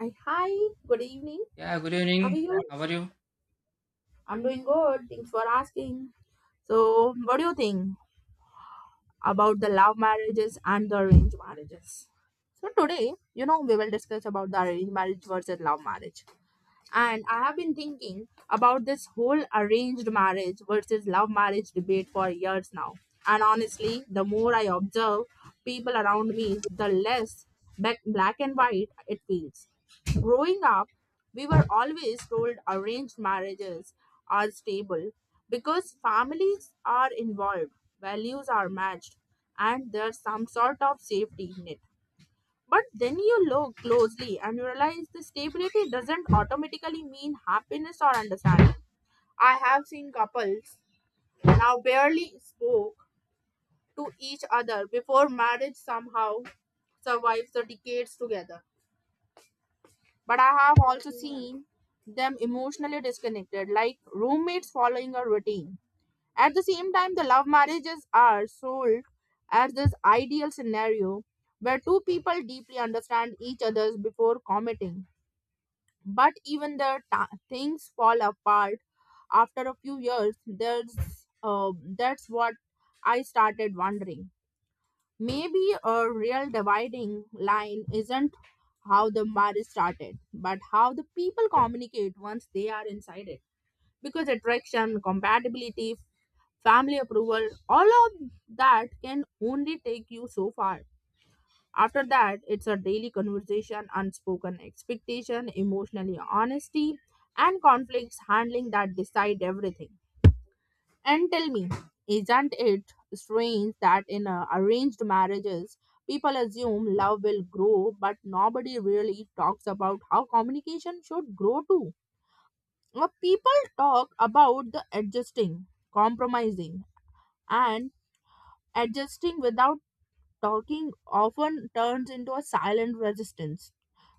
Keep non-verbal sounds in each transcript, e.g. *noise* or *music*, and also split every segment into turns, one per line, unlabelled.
Hi, hi, good evening.
Yeah, good
How are
evening.
you?
How are you?
I'm doing good. Thanks for asking. So, what do you think about the love marriages and the arranged marriages? So, today, you know, we will discuss about the arranged marriage versus love marriage. And I have been thinking about this whole arranged marriage versus love marriage debate for years now. And honestly, the more I observe people around me, the less black and white it feels. Growing up, we were always told arranged marriages are stable because families are involved, values are matched, and there's some sort of safety net. But then you look closely and you realize the stability doesn't automatically mean happiness or understanding. I have seen couples now barely spoke to each other before marriage somehow survives the decades together. But I have also seen them emotionally disconnected, like roommates following a routine. At the same time, the love marriages are sold as this ideal scenario where two people deeply understand each other before committing. But even things fall apart after a few years. There's uh, that's what I started wondering. Maybe a real dividing line isn't how the marriage started, but how the people communicate once they are inside it. Because attraction, compatibility, family approval, all of that can only take you so far. After that, it's a daily conversation, unspoken expectation, emotionally honesty, and conflicts handling that decide everything. And tell me, isn't it strange that in arranged marriages, people assume love will grow, but nobody really talks about how communication should grow too? Well, people talk about the adjusting, compromising, and adjusting without talking often turns into a silent resistance.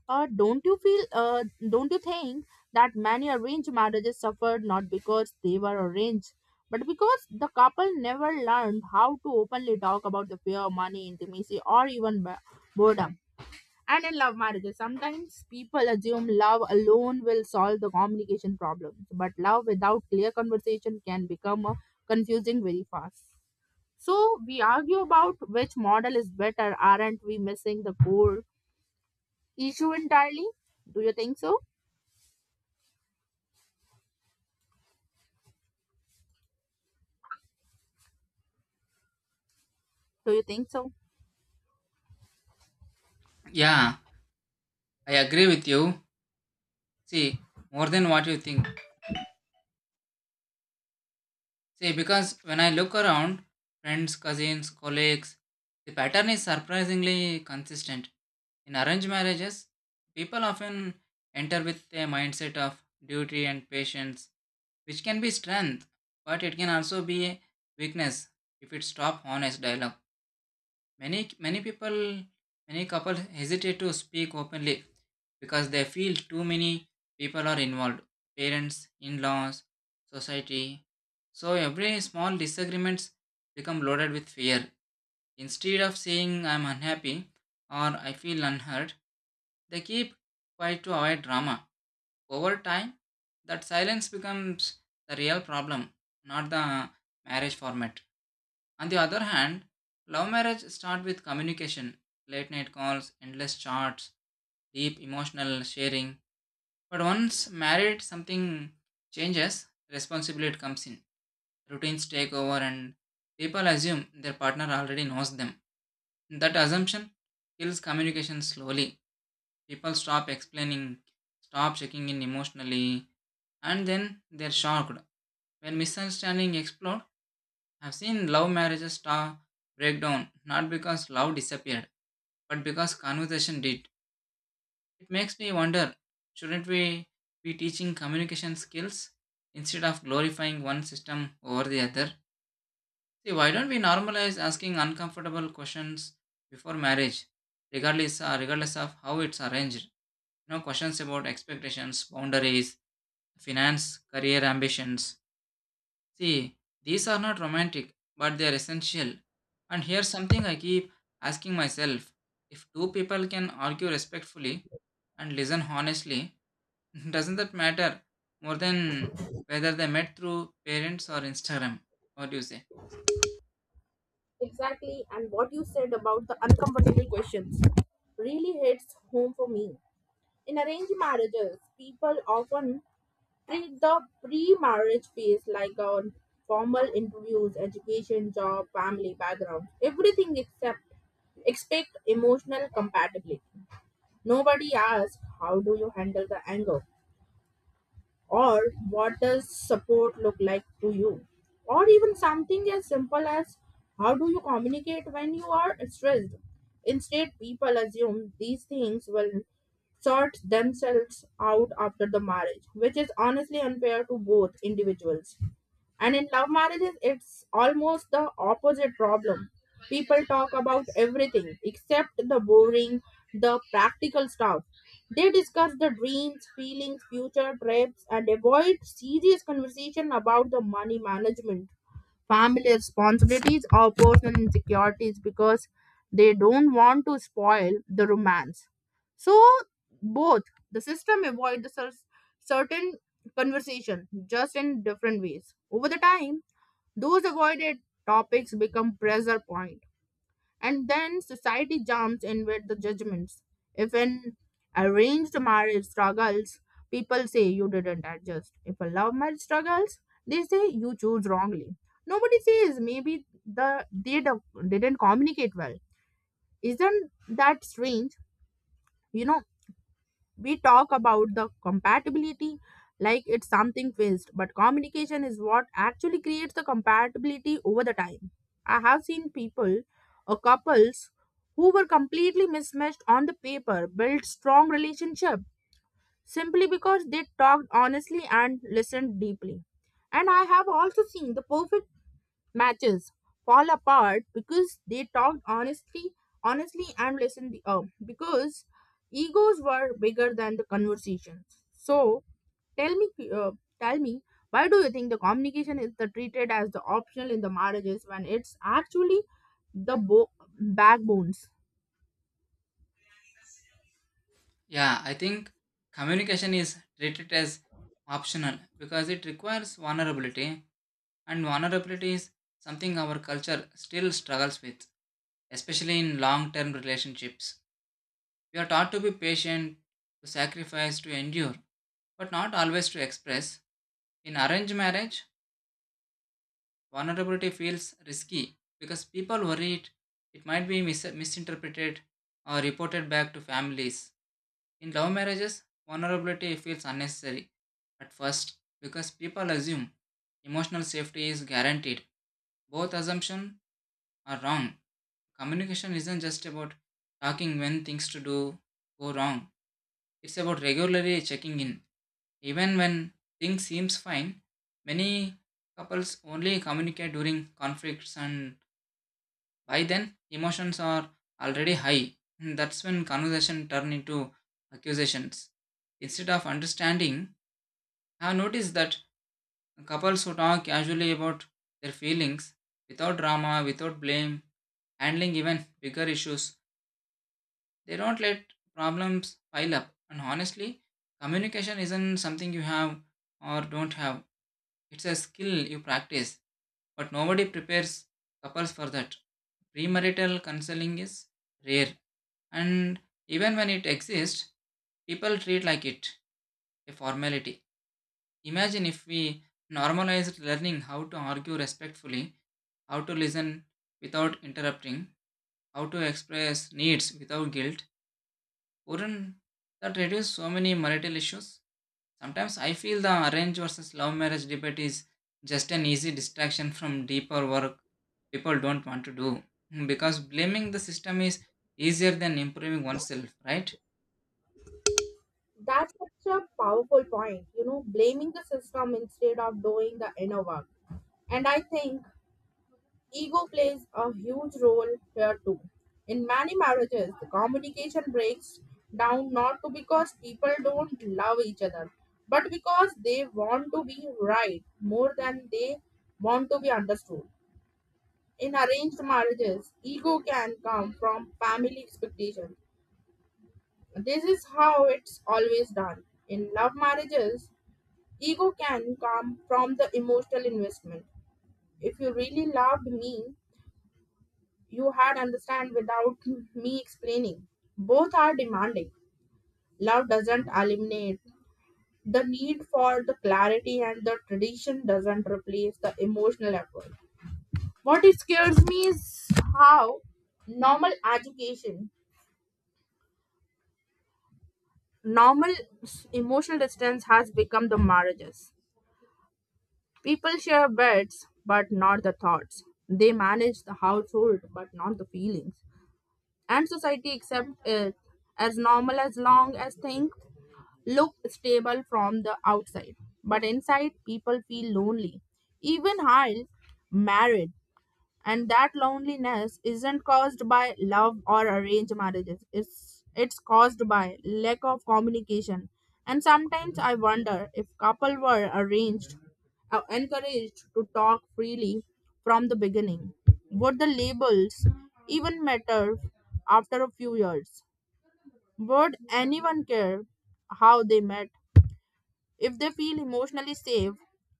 Don't you feel? Don't you think that many arranged marriages suffered not because they were arranged, but because the couple never learned how to openly talk about the fear, money, intimacy, or even boredom. And in love marriages, sometimes people assume love alone will solve the communication problems, but love without clear conversation can become confusing very fast. So we argue about which model is better. Aren't we missing the core issue entirely? Do you think so? Do you think so?
Yeah, I agree with you. See, more than what you think. See, because when I look around, friends, cousins, colleagues, the pattern is surprisingly consistent. In arranged marriages, people often enter with a mindset of duty and patience, which can be strength, but it can also be a weakness if it stops honest dialogue. Many many people many couples hesitate to speak openly because they feel too many people are involved. Parents, in-laws, society. So every small disagreements become loaded with fear. Instead of saying I'm unhappy or I feel unheard, they keep quiet to avoid drama. Over time, that silence becomes the real problem, not the marriage format. On the other hand, love marriage start with communication, late night calls, endless chats, deep emotional sharing. But once married, something changes, responsibility comes in. Routines take over, and people assume their partner already knows them. That assumption kills communication slowly. People stop explaining, stop checking in emotionally, and then they're shocked. When misunderstanding explode, I've seen love marriages star break down not because love disappeared, but because conversation did. It makes me wonder shouldn't we be teaching communication skills instead of glorifying one system over the other? See, why don't we normalize asking uncomfortable questions before marriage, regardless of how it's arranged? You know, questions about expectations, boundaries, finance, career ambitions. See, these are not romantic, but they are essential. And here's something I keep asking myself if two people can argue respectfully and listen honestly, *laughs* doesn't that matter more than whether they met through parents or Instagram? What do you say?
Exactly, and what you said about the uncomfortable questions really hits home for me. In arranged marriages, people often treat the pre marriage phase like a formal interviews, education, job, family background, everything except expect emotional compatibility. Nobody asks, how do you handle the anger? Or what does support look like to you, or even something as simple as how do you communicate when you are stressed? Instead people assume these things will sort themselves out after the marriage, which is honestly unfair to both individuals. And in love marriages, it's almost the opposite problem. People talk about everything except the boring, the practical stuff. They discuss the dreams, feelings, future trips, and avoid serious conversation about the money management, family responsibilities or personal insecurities because they don't want to spoil the romance. So both the system avoid the certain conversation just in different ways. Over the time, those avoided topics become pressure point, and then society jumps in with the judgments. If an arranged marriage struggles, people say you didn't adjust. If a love marriage struggles, they say you choose wrongly. Nobody says maybe they didn't communicate well. Isn't that strange? You know, we talk about the compatibility like it's something fixed, but communication is what actually creates the compatibility over the time. I have seen people or couples who were completely mismatched on the paper build strong relationship simply because they talked honestly and listened deeply. And I have also seen the perfect matches fall apart because they talked honestly and listened up because egos were bigger than the conversations. So tell me, tell me why do you think the communication is the treated as the optional in the marriages when it's actually the backbones?
Yeah, I think communication is treated as optional because it requires vulnerability, and vulnerability is something our culture still struggles with, especially in long term relationships. We are taught to be patient, to sacrifice, to endure, but not always to express. In arranged marriage, vulnerability feels risky because people it might be misinterpreted or reported back to families. In love marriages, vulnerability feels unnecessary at first because people assume emotional safety is guaranteed. Both assumptions are wrong. Communication isn't just about talking when things to do go wrong. It's about regularly checking in. Even when things seems fine, many couples only communicate during conflicts, and by then emotions are already high. And that's when conversation turn into accusations. Instead of understanding, I have noticed that couples who talk casually about their feelings, without drama, without blame, handling even bigger issues, they don't let problems pile up. And honestly, communication isn't something you have or don't have. It's a skill you practice, but nobody prepares couples for that. Premarital counseling is rare, and even when it exists, people treat like it a formality. Imagine if we normalized learning how to argue respectfully, how to listen without interrupting, how to express needs without guilt. Wouldn't that reduce so many marital issues? Sometimes I feel the arrange versus love marriage debate is just an easy distraction from deeper work people don't want to do *laughs* because blaming the system is easier than improving oneself, right?
That's such a powerful point, you know, blaming the system instead of doing the inner work. And I think ego plays a huge role here too. In many marriages, the communication breaks down not to because people don't love each other, but because they want to be right more than they want to be understood. In arranged marriages, ego can come from family expectations. This is how it's always done. In love marriages, ego can come from the emotional investment. If you really loved me, you had understand without me explaining. Both are demanding. Love doesn't eliminate the need for the clarity, and the tradition doesn't replace the emotional effort. What it scares me is how normal education, normal emotional distance has become the marriages. People share beds, but not the thoughts. They manage the household, but not the feelings. And society accepts it as normal as long as things look stable from the outside, but inside people feel lonely, even while married. And that loneliness isn't caused by love or arranged marriages. It's caused by lack of communication. And sometimes I wonder if couple were arranged, encouraged to talk freely from the beginning, would the labels even matter after a few years? Would anyone care how they met? If they feel emotionally safe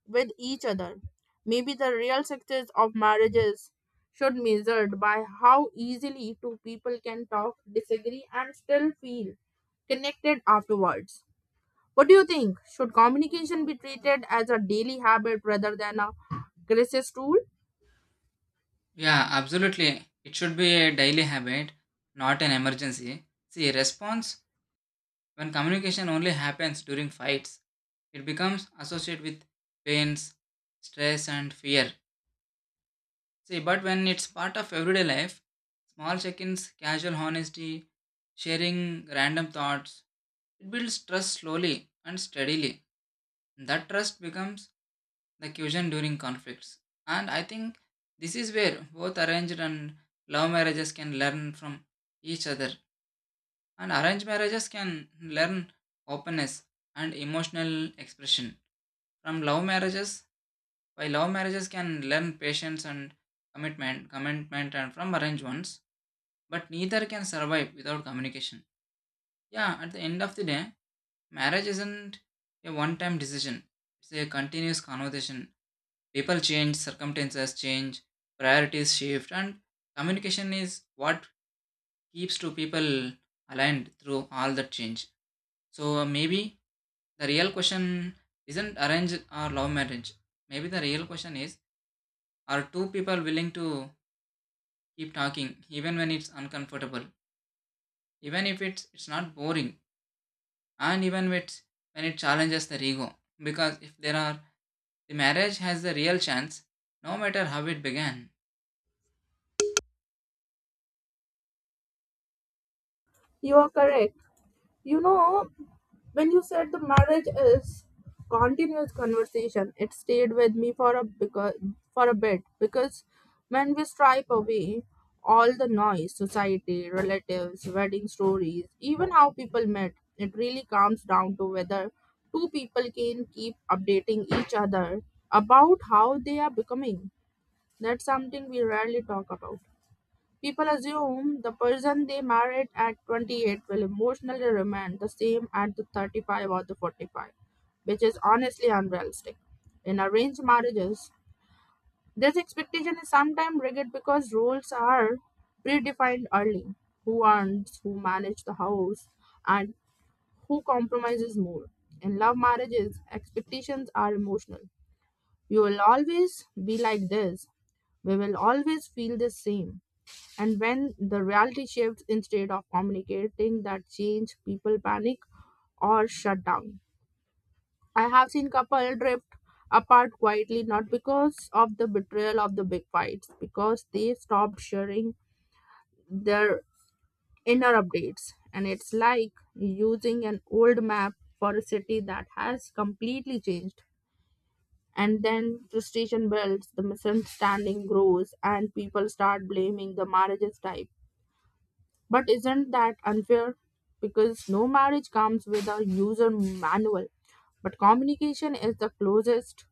with each other, maybe the real success of marriages should measured by how easily two people can talk, disagree, and still feel connected afterwards. What do you think? Should communication be treated as a daily habit rather than a crisis tool?
Yeah, absolutely. It should be a daily habit, not an emergency. See, response when communication only happens during fights, it becomes associated with pains, stress, and fear. See, but when it's part of everyday life, small check ins, casual honesty, sharing random thoughts, it builds trust slowly and steadily. That trust becomes the cushion during conflicts. And I think this is where both arranged and love marriages can learn from each other. And arranged marriages can learn openness and emotional expression. From love marriages, while love marriages can learn patience and commitment and from arranged ones, but neither can survive without communication. Yeah, at the end of the day, marriage isn't a one-time decision. It's a continuous conversation. People change, circumstances change, priorities shift, and communication is what keeps two people aligned through all that change. So maybe the real question isn't arranged or love marriage. Maybe the real question is are two people willing to keep talking even when it's uncomfortable, even if it's not boring, and even when it's when it challenges the ego, because if there are, the marriage has a real chance, no matter how it began.
You are correct. You know, when you said the marriage is continuous conversation, it stayed with me for a because for a bit because when we stripe away all the noise, society, relatives, wedding stories, even how people met, it really comes down to whether two people can keep updating each other about how they are becoming. That's something we rarely talk about. People assume the person they married at 28 will emotionally remain the same at the 35 or the 45, which is honestly unrealistic. In arranged marriages, this expectation is sometimes rigid because roles are predefined early, who earns, who manages the house, and who compromises more. In love marriages, expectations are emotional. You will always be like this. We will always feel the same. And when the reality shifts, instead of communicating that change, people panic or shut down. I have seen couple drift apart quietly, not because of the betrayal of the big fights, because they stopped sharing their inner updates. And it's like using an old map for a city that has completely changed. And then frustration builds, the misunderstanding grows, and people start blaming the marriages type. But isn't that unfair? Because no marriage comes with a user manual, but communication is the closest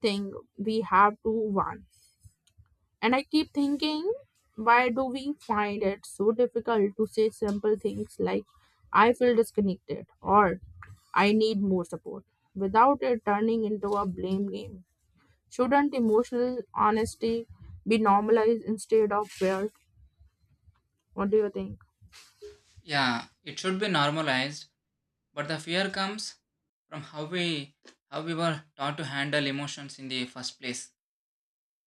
thing we have to one. And I keep thinking, why do we find it so difficult to say simple things like, I feel disconnected or I need more support, without it turning into a blame game? Shouldn't emotional honesty be normalized instead of feared? What do you think?
Yeah, it should be normalized, but the fear comes from how we were taught to handle emotions in the first place.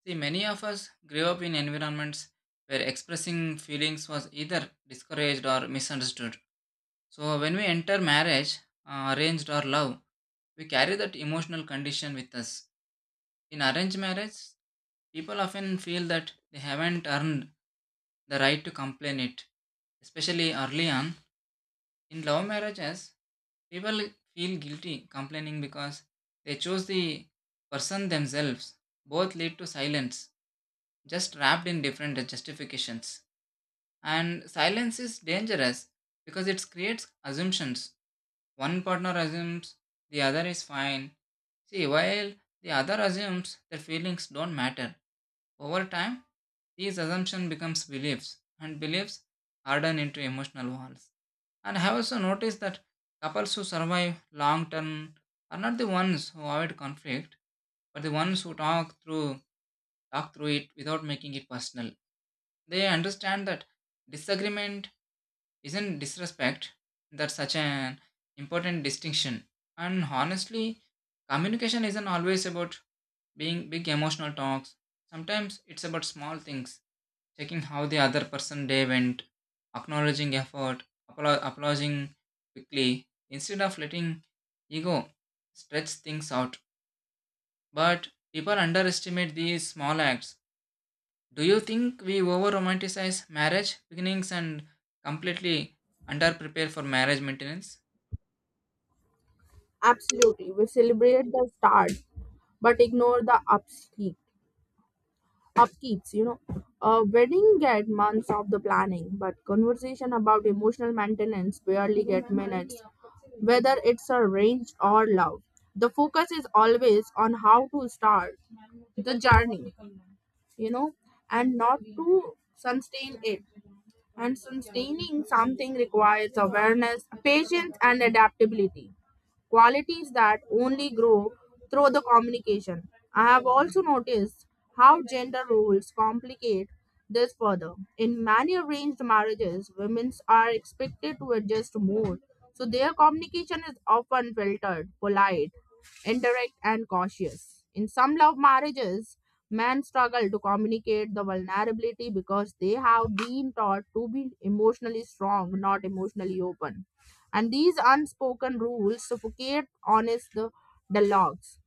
See, many of us grew up in environments where expressing feelings was either discouraged or misunderstood. So when we enter marriage, arranged or love, we carry that emotional condition with us. In arranged marriage, people often feel that they haven't earned the right to complain it, especially early on. In love marriages, people feel guilty complaining because they chose the person themselves. Both lead to silence, just wrapped in different justifications. And silence is dangerous because it creates assumptions. One partner assumes the other is fine. See, while the other assumes that feelings don't matter. Over time, these assumptions becomes beliefs, and beliefs harden into emotional walls. And I have also noticed that couples who survive long term are not the ones who avoid conflict, but the ones who talk through it without making it personal. They understand that disagreement isn't disrespect, that such an important distinction. And honestly, communication isn't always about being big emotional talks. Sometimes it's about small things, checking how the other person day went, acknowledging effort, applauding quickly instead of letting ego stretch things out. But people underestimate these small acts. Do you think we over romanticize marriage beginnings and completely under prepare for marriage maintenance?
Absolutely. We celebrate the start but ignore the upkeep. Upkeeps, you know. A wedding get months of the planning, but conversation about emotional maintenance barely get minutes, whether it's arranged or love. The focus is always on how to start the journey, you know, and not to sustain it. And sustaining something requires awareness, patience, and adaptability, qualities that only grow through the communication. I have also noticed how gender roles complicate this further. In many arranged marriages, women are expected to adjust more, so their communication is often filtered, polite, indirect, and cautious. In some love marriages, men struggle to communicate the vulnerability because they have been taught to be emotionally strong, not emotionally open. And these unspoken rules suffocate honest dialogues.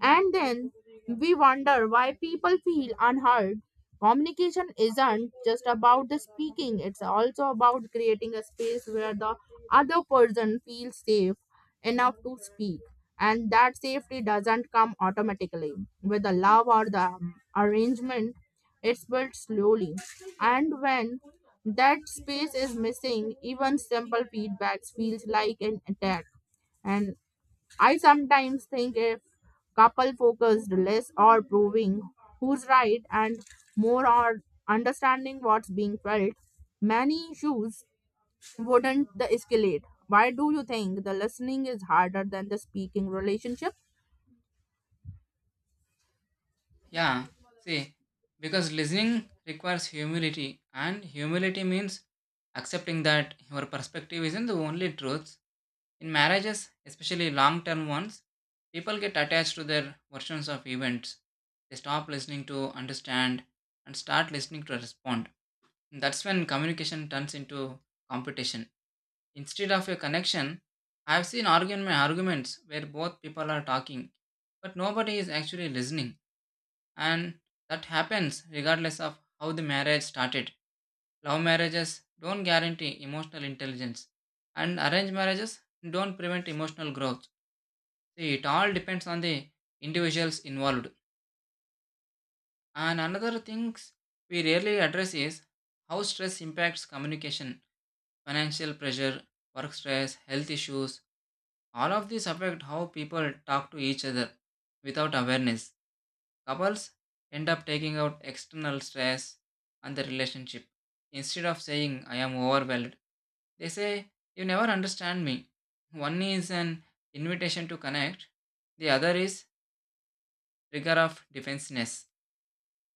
And then we wonder why people feel unheard. Communication isn't just about the speaking, it's also about creating a space where the other person feels safe enough to speak. And that safety doesn't come automatically with the love or the arrangement, it's built slowly. And when that space is missing, even simple feedbacks feels like an attack. And I sometimes think if couple focused less on proving who's right and more on understanding what's being felt, many issues wouldn't the escalate. Why do you think the listening is harder than the speaking relationship?
Yeah, see, because listening requires humility, and humility means accepting that your perspective isn't the only truth. In marriages, especially long term ones, people get attached to their versions of events. They stop listening to understand and start listening to respond. That's when communication turns into competition. Instead of a connection, I have seen arguments where both people are talking, but nobody is actually listening. And that happens regardless of how the marriage started. Love marriages don't guarantee emotional intelligence, and arranged marriages don't prevent emotional growth. See, it all depends on the individuals involved. And another things we rarely address is how stress impacts communication, financial pressure, work stress, health issues. All of these affect how people talk to each other without awareness. Couples end up taking out external stress on the relationship. Instead of saying, "I am overwhelmed," they say, "You never understand me." One is an invitation to connect, the other is trigger of defensiveness.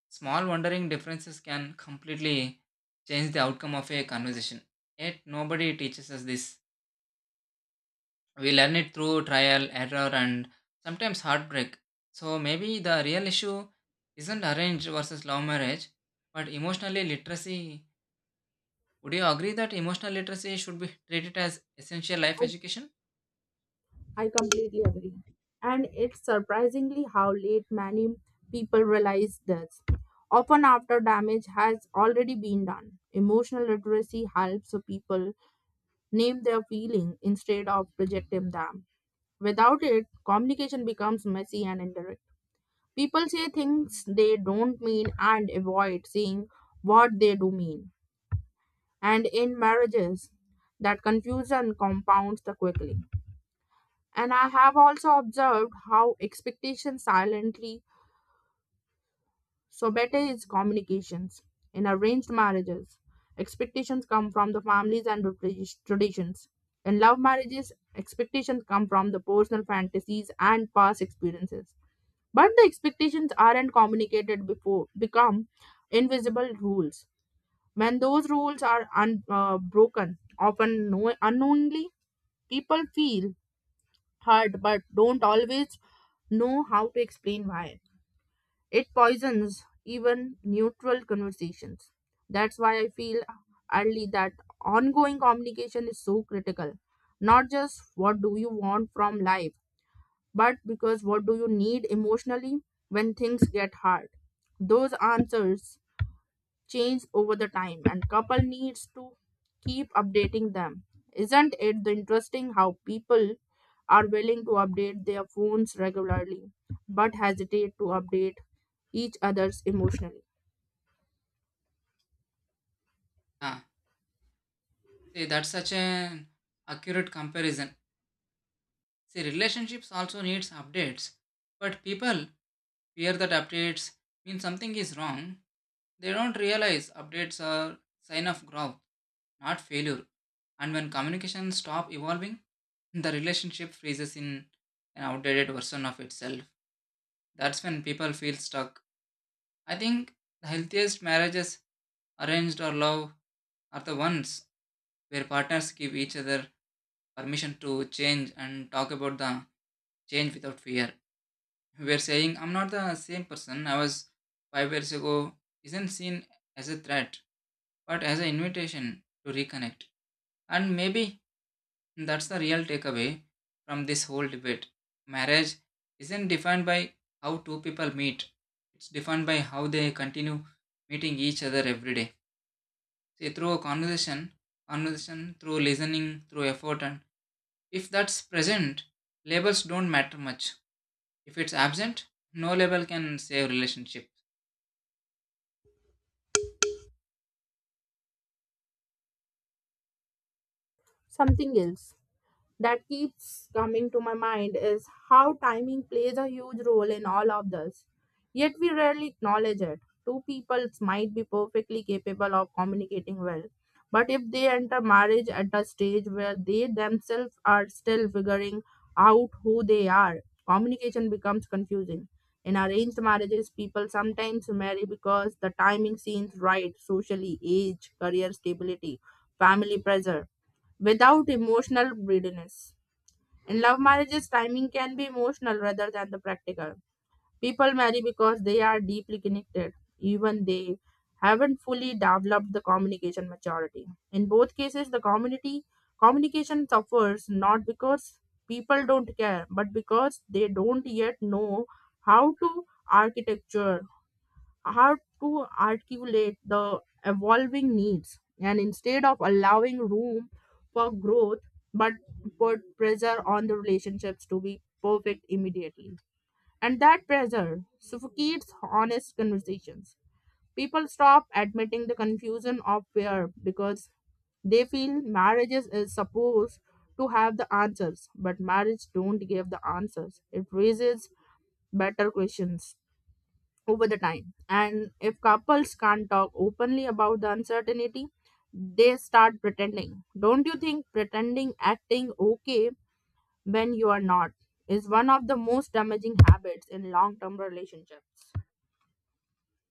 Small wondering differences can completely change the outcome of a conversation. Yet nobody teaches us this. We learn it through trial, error, and sometimes heartbreak. So maybe the real issue isn't arranged versus love marriage, but emotional literacy. Would you agree that emotional literacy should be treated as essential life
Oh,
education?
I completely agree. And it's surprisingly how late many people realize this. Often after damage has already been done. Emotional literacy helps people name their feeling instead of projecting them. Without it, communication becomes messy and indirect. People say things they don't mean and avoid saying what they do mean. And in marriages, that confusion compounds the quickly. And I have also observed how expectations silently so, better is communications. In arranged marriages, expectations come from the families and the traditions. In love marriages, expectations come from the personal fantasies and past experiences. But the expectations aren't communicated before become invisible rules. When those rules are broken, often unknowingly, people feel hurt but don't always know how to explain why. It poisons even neutral conversations. That's why I feel early that ongoing communication is so critical. Not just what do you want from life, but because what do you need emotionally when things get hard. Those answers change over the time and couple needs to keep updating them. Isn't it the interesting how people are willing to update their phones regularly but hesitate to update each other's emotionally.
Ah, see, that's such an accurate comparison. See, relationships also needs updates, but people fear that updates mean something is wrong. They don't realize updates are sign of growth, not failure. And when communication stop evolving, the relationship freezes in an outdated version of itself. That's when people feel stuck. I think the healthiest marriages, arranged or love, are the ones where partners give each other permission to change and talk about the change without fear. We're saying, I'm not the same person I was 5 years ago, isn't seen as a threat, but as an invitation to reconnect. And maybe that's the real takeaway from this whole debate. Marriage isn't defined by how two people meet, it's defined by how they continue meeting each other every day. See, through a conversation, through listening, through effort, and if that's present, labels don't matter much. If it's absent, no label can save relationship.
Something else that keeps coming to my mind is how timing plays a huge role in all of this. Yet we rarely acknowledge it. Two people might be perfectly capable of communicating well, but if they enter marriage at a stage where they themselves are still figuring out who they are, communication becomes confusing. In arranged marriages, people sometimes marry because the timing seems right socially, age, career stability, family pressure without emotional readiness. In love marriages, timing can be emotional rather than the practical. People marry because they are deeply connected, even they haven't fully developed the communication maturity. In both cases, the community communication suffers not because people don't care, but because they don't yet know how to architecture how to articulate the evolving needs and instead of allowing room for growth but put pressure on the relationships to be perfect immediately and that pressure suffocates honest conversations. People stop admitting the confusion of fear because they feel marriages is supposed to have the answers, but marriage don't give the answers, it raises better questions over the time. And if couples can't talk openly about the uncertainty, they start pretending. Don't you think pretending acting okay when you are not is one of the most damaging habits in long term relationships?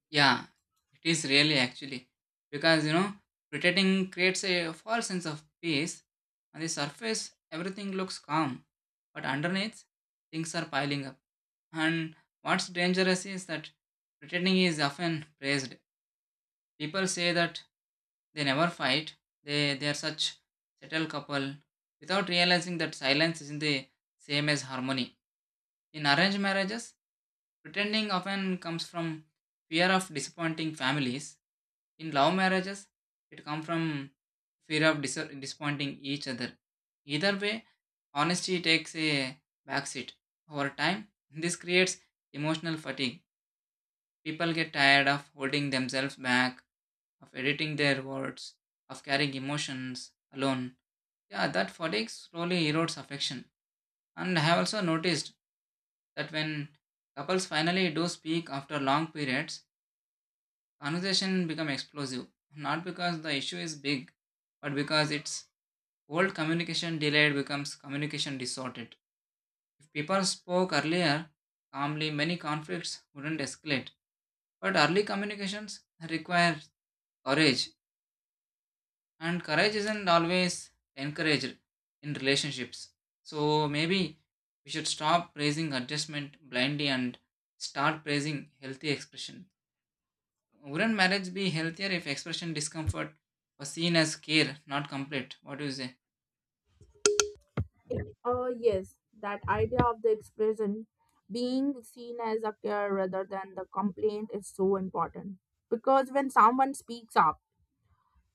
Yeah, it is really actually because you know pretending creates a false sense of peace. On the surface, everything looks calm, but underneath, things are piling up. And what's dangerous is that pretending is often praised. People say that they never fight. They are such settled couple without realizing that silence isn't the same as harmony. In arranged marriages, pretending often comes from fear of disappointing families. In love marriages, it comes from fear of disappointing each other. Either way, honesty takes a backseat. Over time, this creates emotional fatigue. People get tired of holding themselves back, of editing their words, of carrying emotions alone. Yeah, that fatigue slowly erodes affection. And I have also noticed that when couples finally do speak after long periods, conversation become explosive, not because the issue is big, but because it's old. Communication delayed becomes communication distorted. If people spoke earlier, calmly, many conflicts wouldn't escalate. But early communications require courage, and courage isn't always encouraged in relationships. So maybe we should stop praising adjustment blindly and start praising healthy expression. Wouldn't marriage be healthier if expression discomfort was seen as care, not complete? What do you say?
Yes, that idea of the expression being seen as a care rather than the complaint is so important. Because when someone speaks up,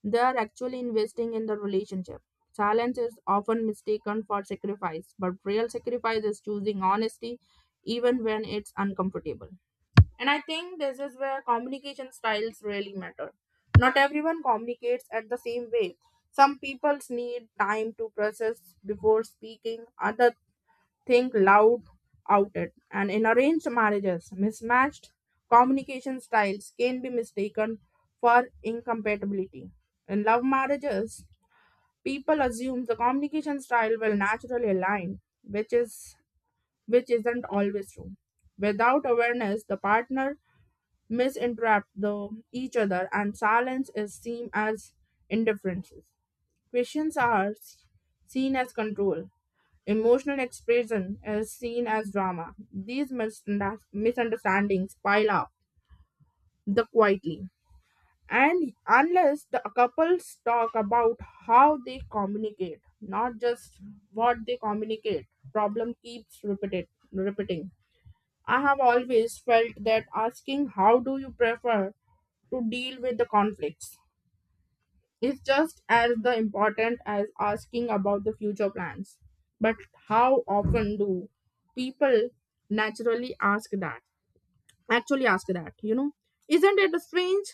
they are actually investing in the relationship. Silence is often mistaken for sacrifice, but real sacrifice is choosing honesty even when it's uncomfortable. And I think this is where communication styles really matter. Not everyone communicates at the same way. Some people need time to process before speaking, others think loud out it. And in arranged marriages, mismatched communication styles can be mistaken for incompatibility. In love marriages, people assume the communication style will naturally align, which isn't always true. Without awareness, the partner misinterpret the each other and silence is seen as indifference. Questions are seen as control, emotional expression is seen as drama. These misunderstandings pile up the quietly. And unless the couples talk about how they communicate, not just what they communicate, problem keeps repeating. I have always felt that asking how do you prefer to deal with the conflicts is just as the important as asking about the future plans. But how often do people naturally ask that? Actually, ask that, you know? Isn't it strange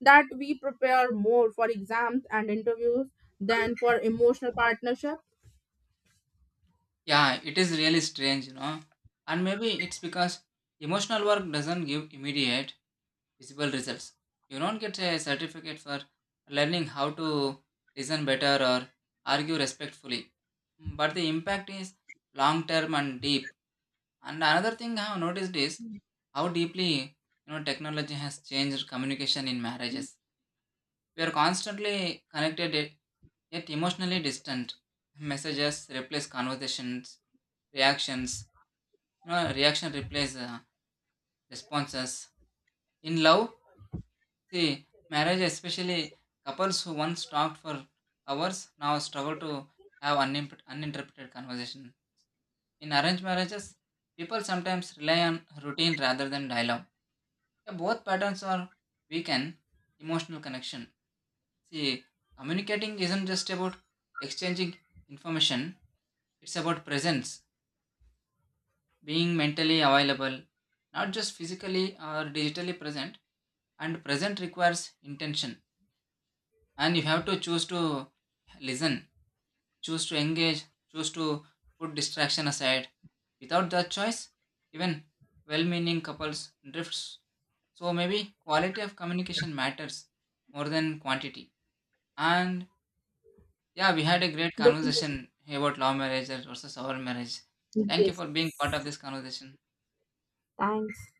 that we prepare more for exams and interviews than for emotional partnership?
Yeah, it is really strange, you know. And maybe it's because emotional work doesn't give immediate visible results. You don't get a certificate for learning how to listen better or argue respectfully. But the impact is long term and deep. And another thing I have noticed is how deeply you know technology has changed communication in marriages. We are constantly connected yet emotionally distant. Messages replace conversations, reactions. You know, reaction replaces responses. In love, see, marriage, especially couples who once talked for hours now struggle to have uninterrupted conversation. In arranged marriages, people sometimes rely on routine rather than dialogue. Yeah, both patterns are weaken emotional connection. See, communicating isn't just about exchanging information; it's about presence, being mentally available, not just physically or digitally present. And present requires intention, and you have to choose to listen, choose to engage, choose to put distraction aside. Without that choice, even well meaning couples drifts. So maybe quality of communication matters more than quantity. And yeah, we had a great
Definitely.
conversation about law marriage versus our marriage. Thank you
Yes.
for being part of this conversation.
Thanks.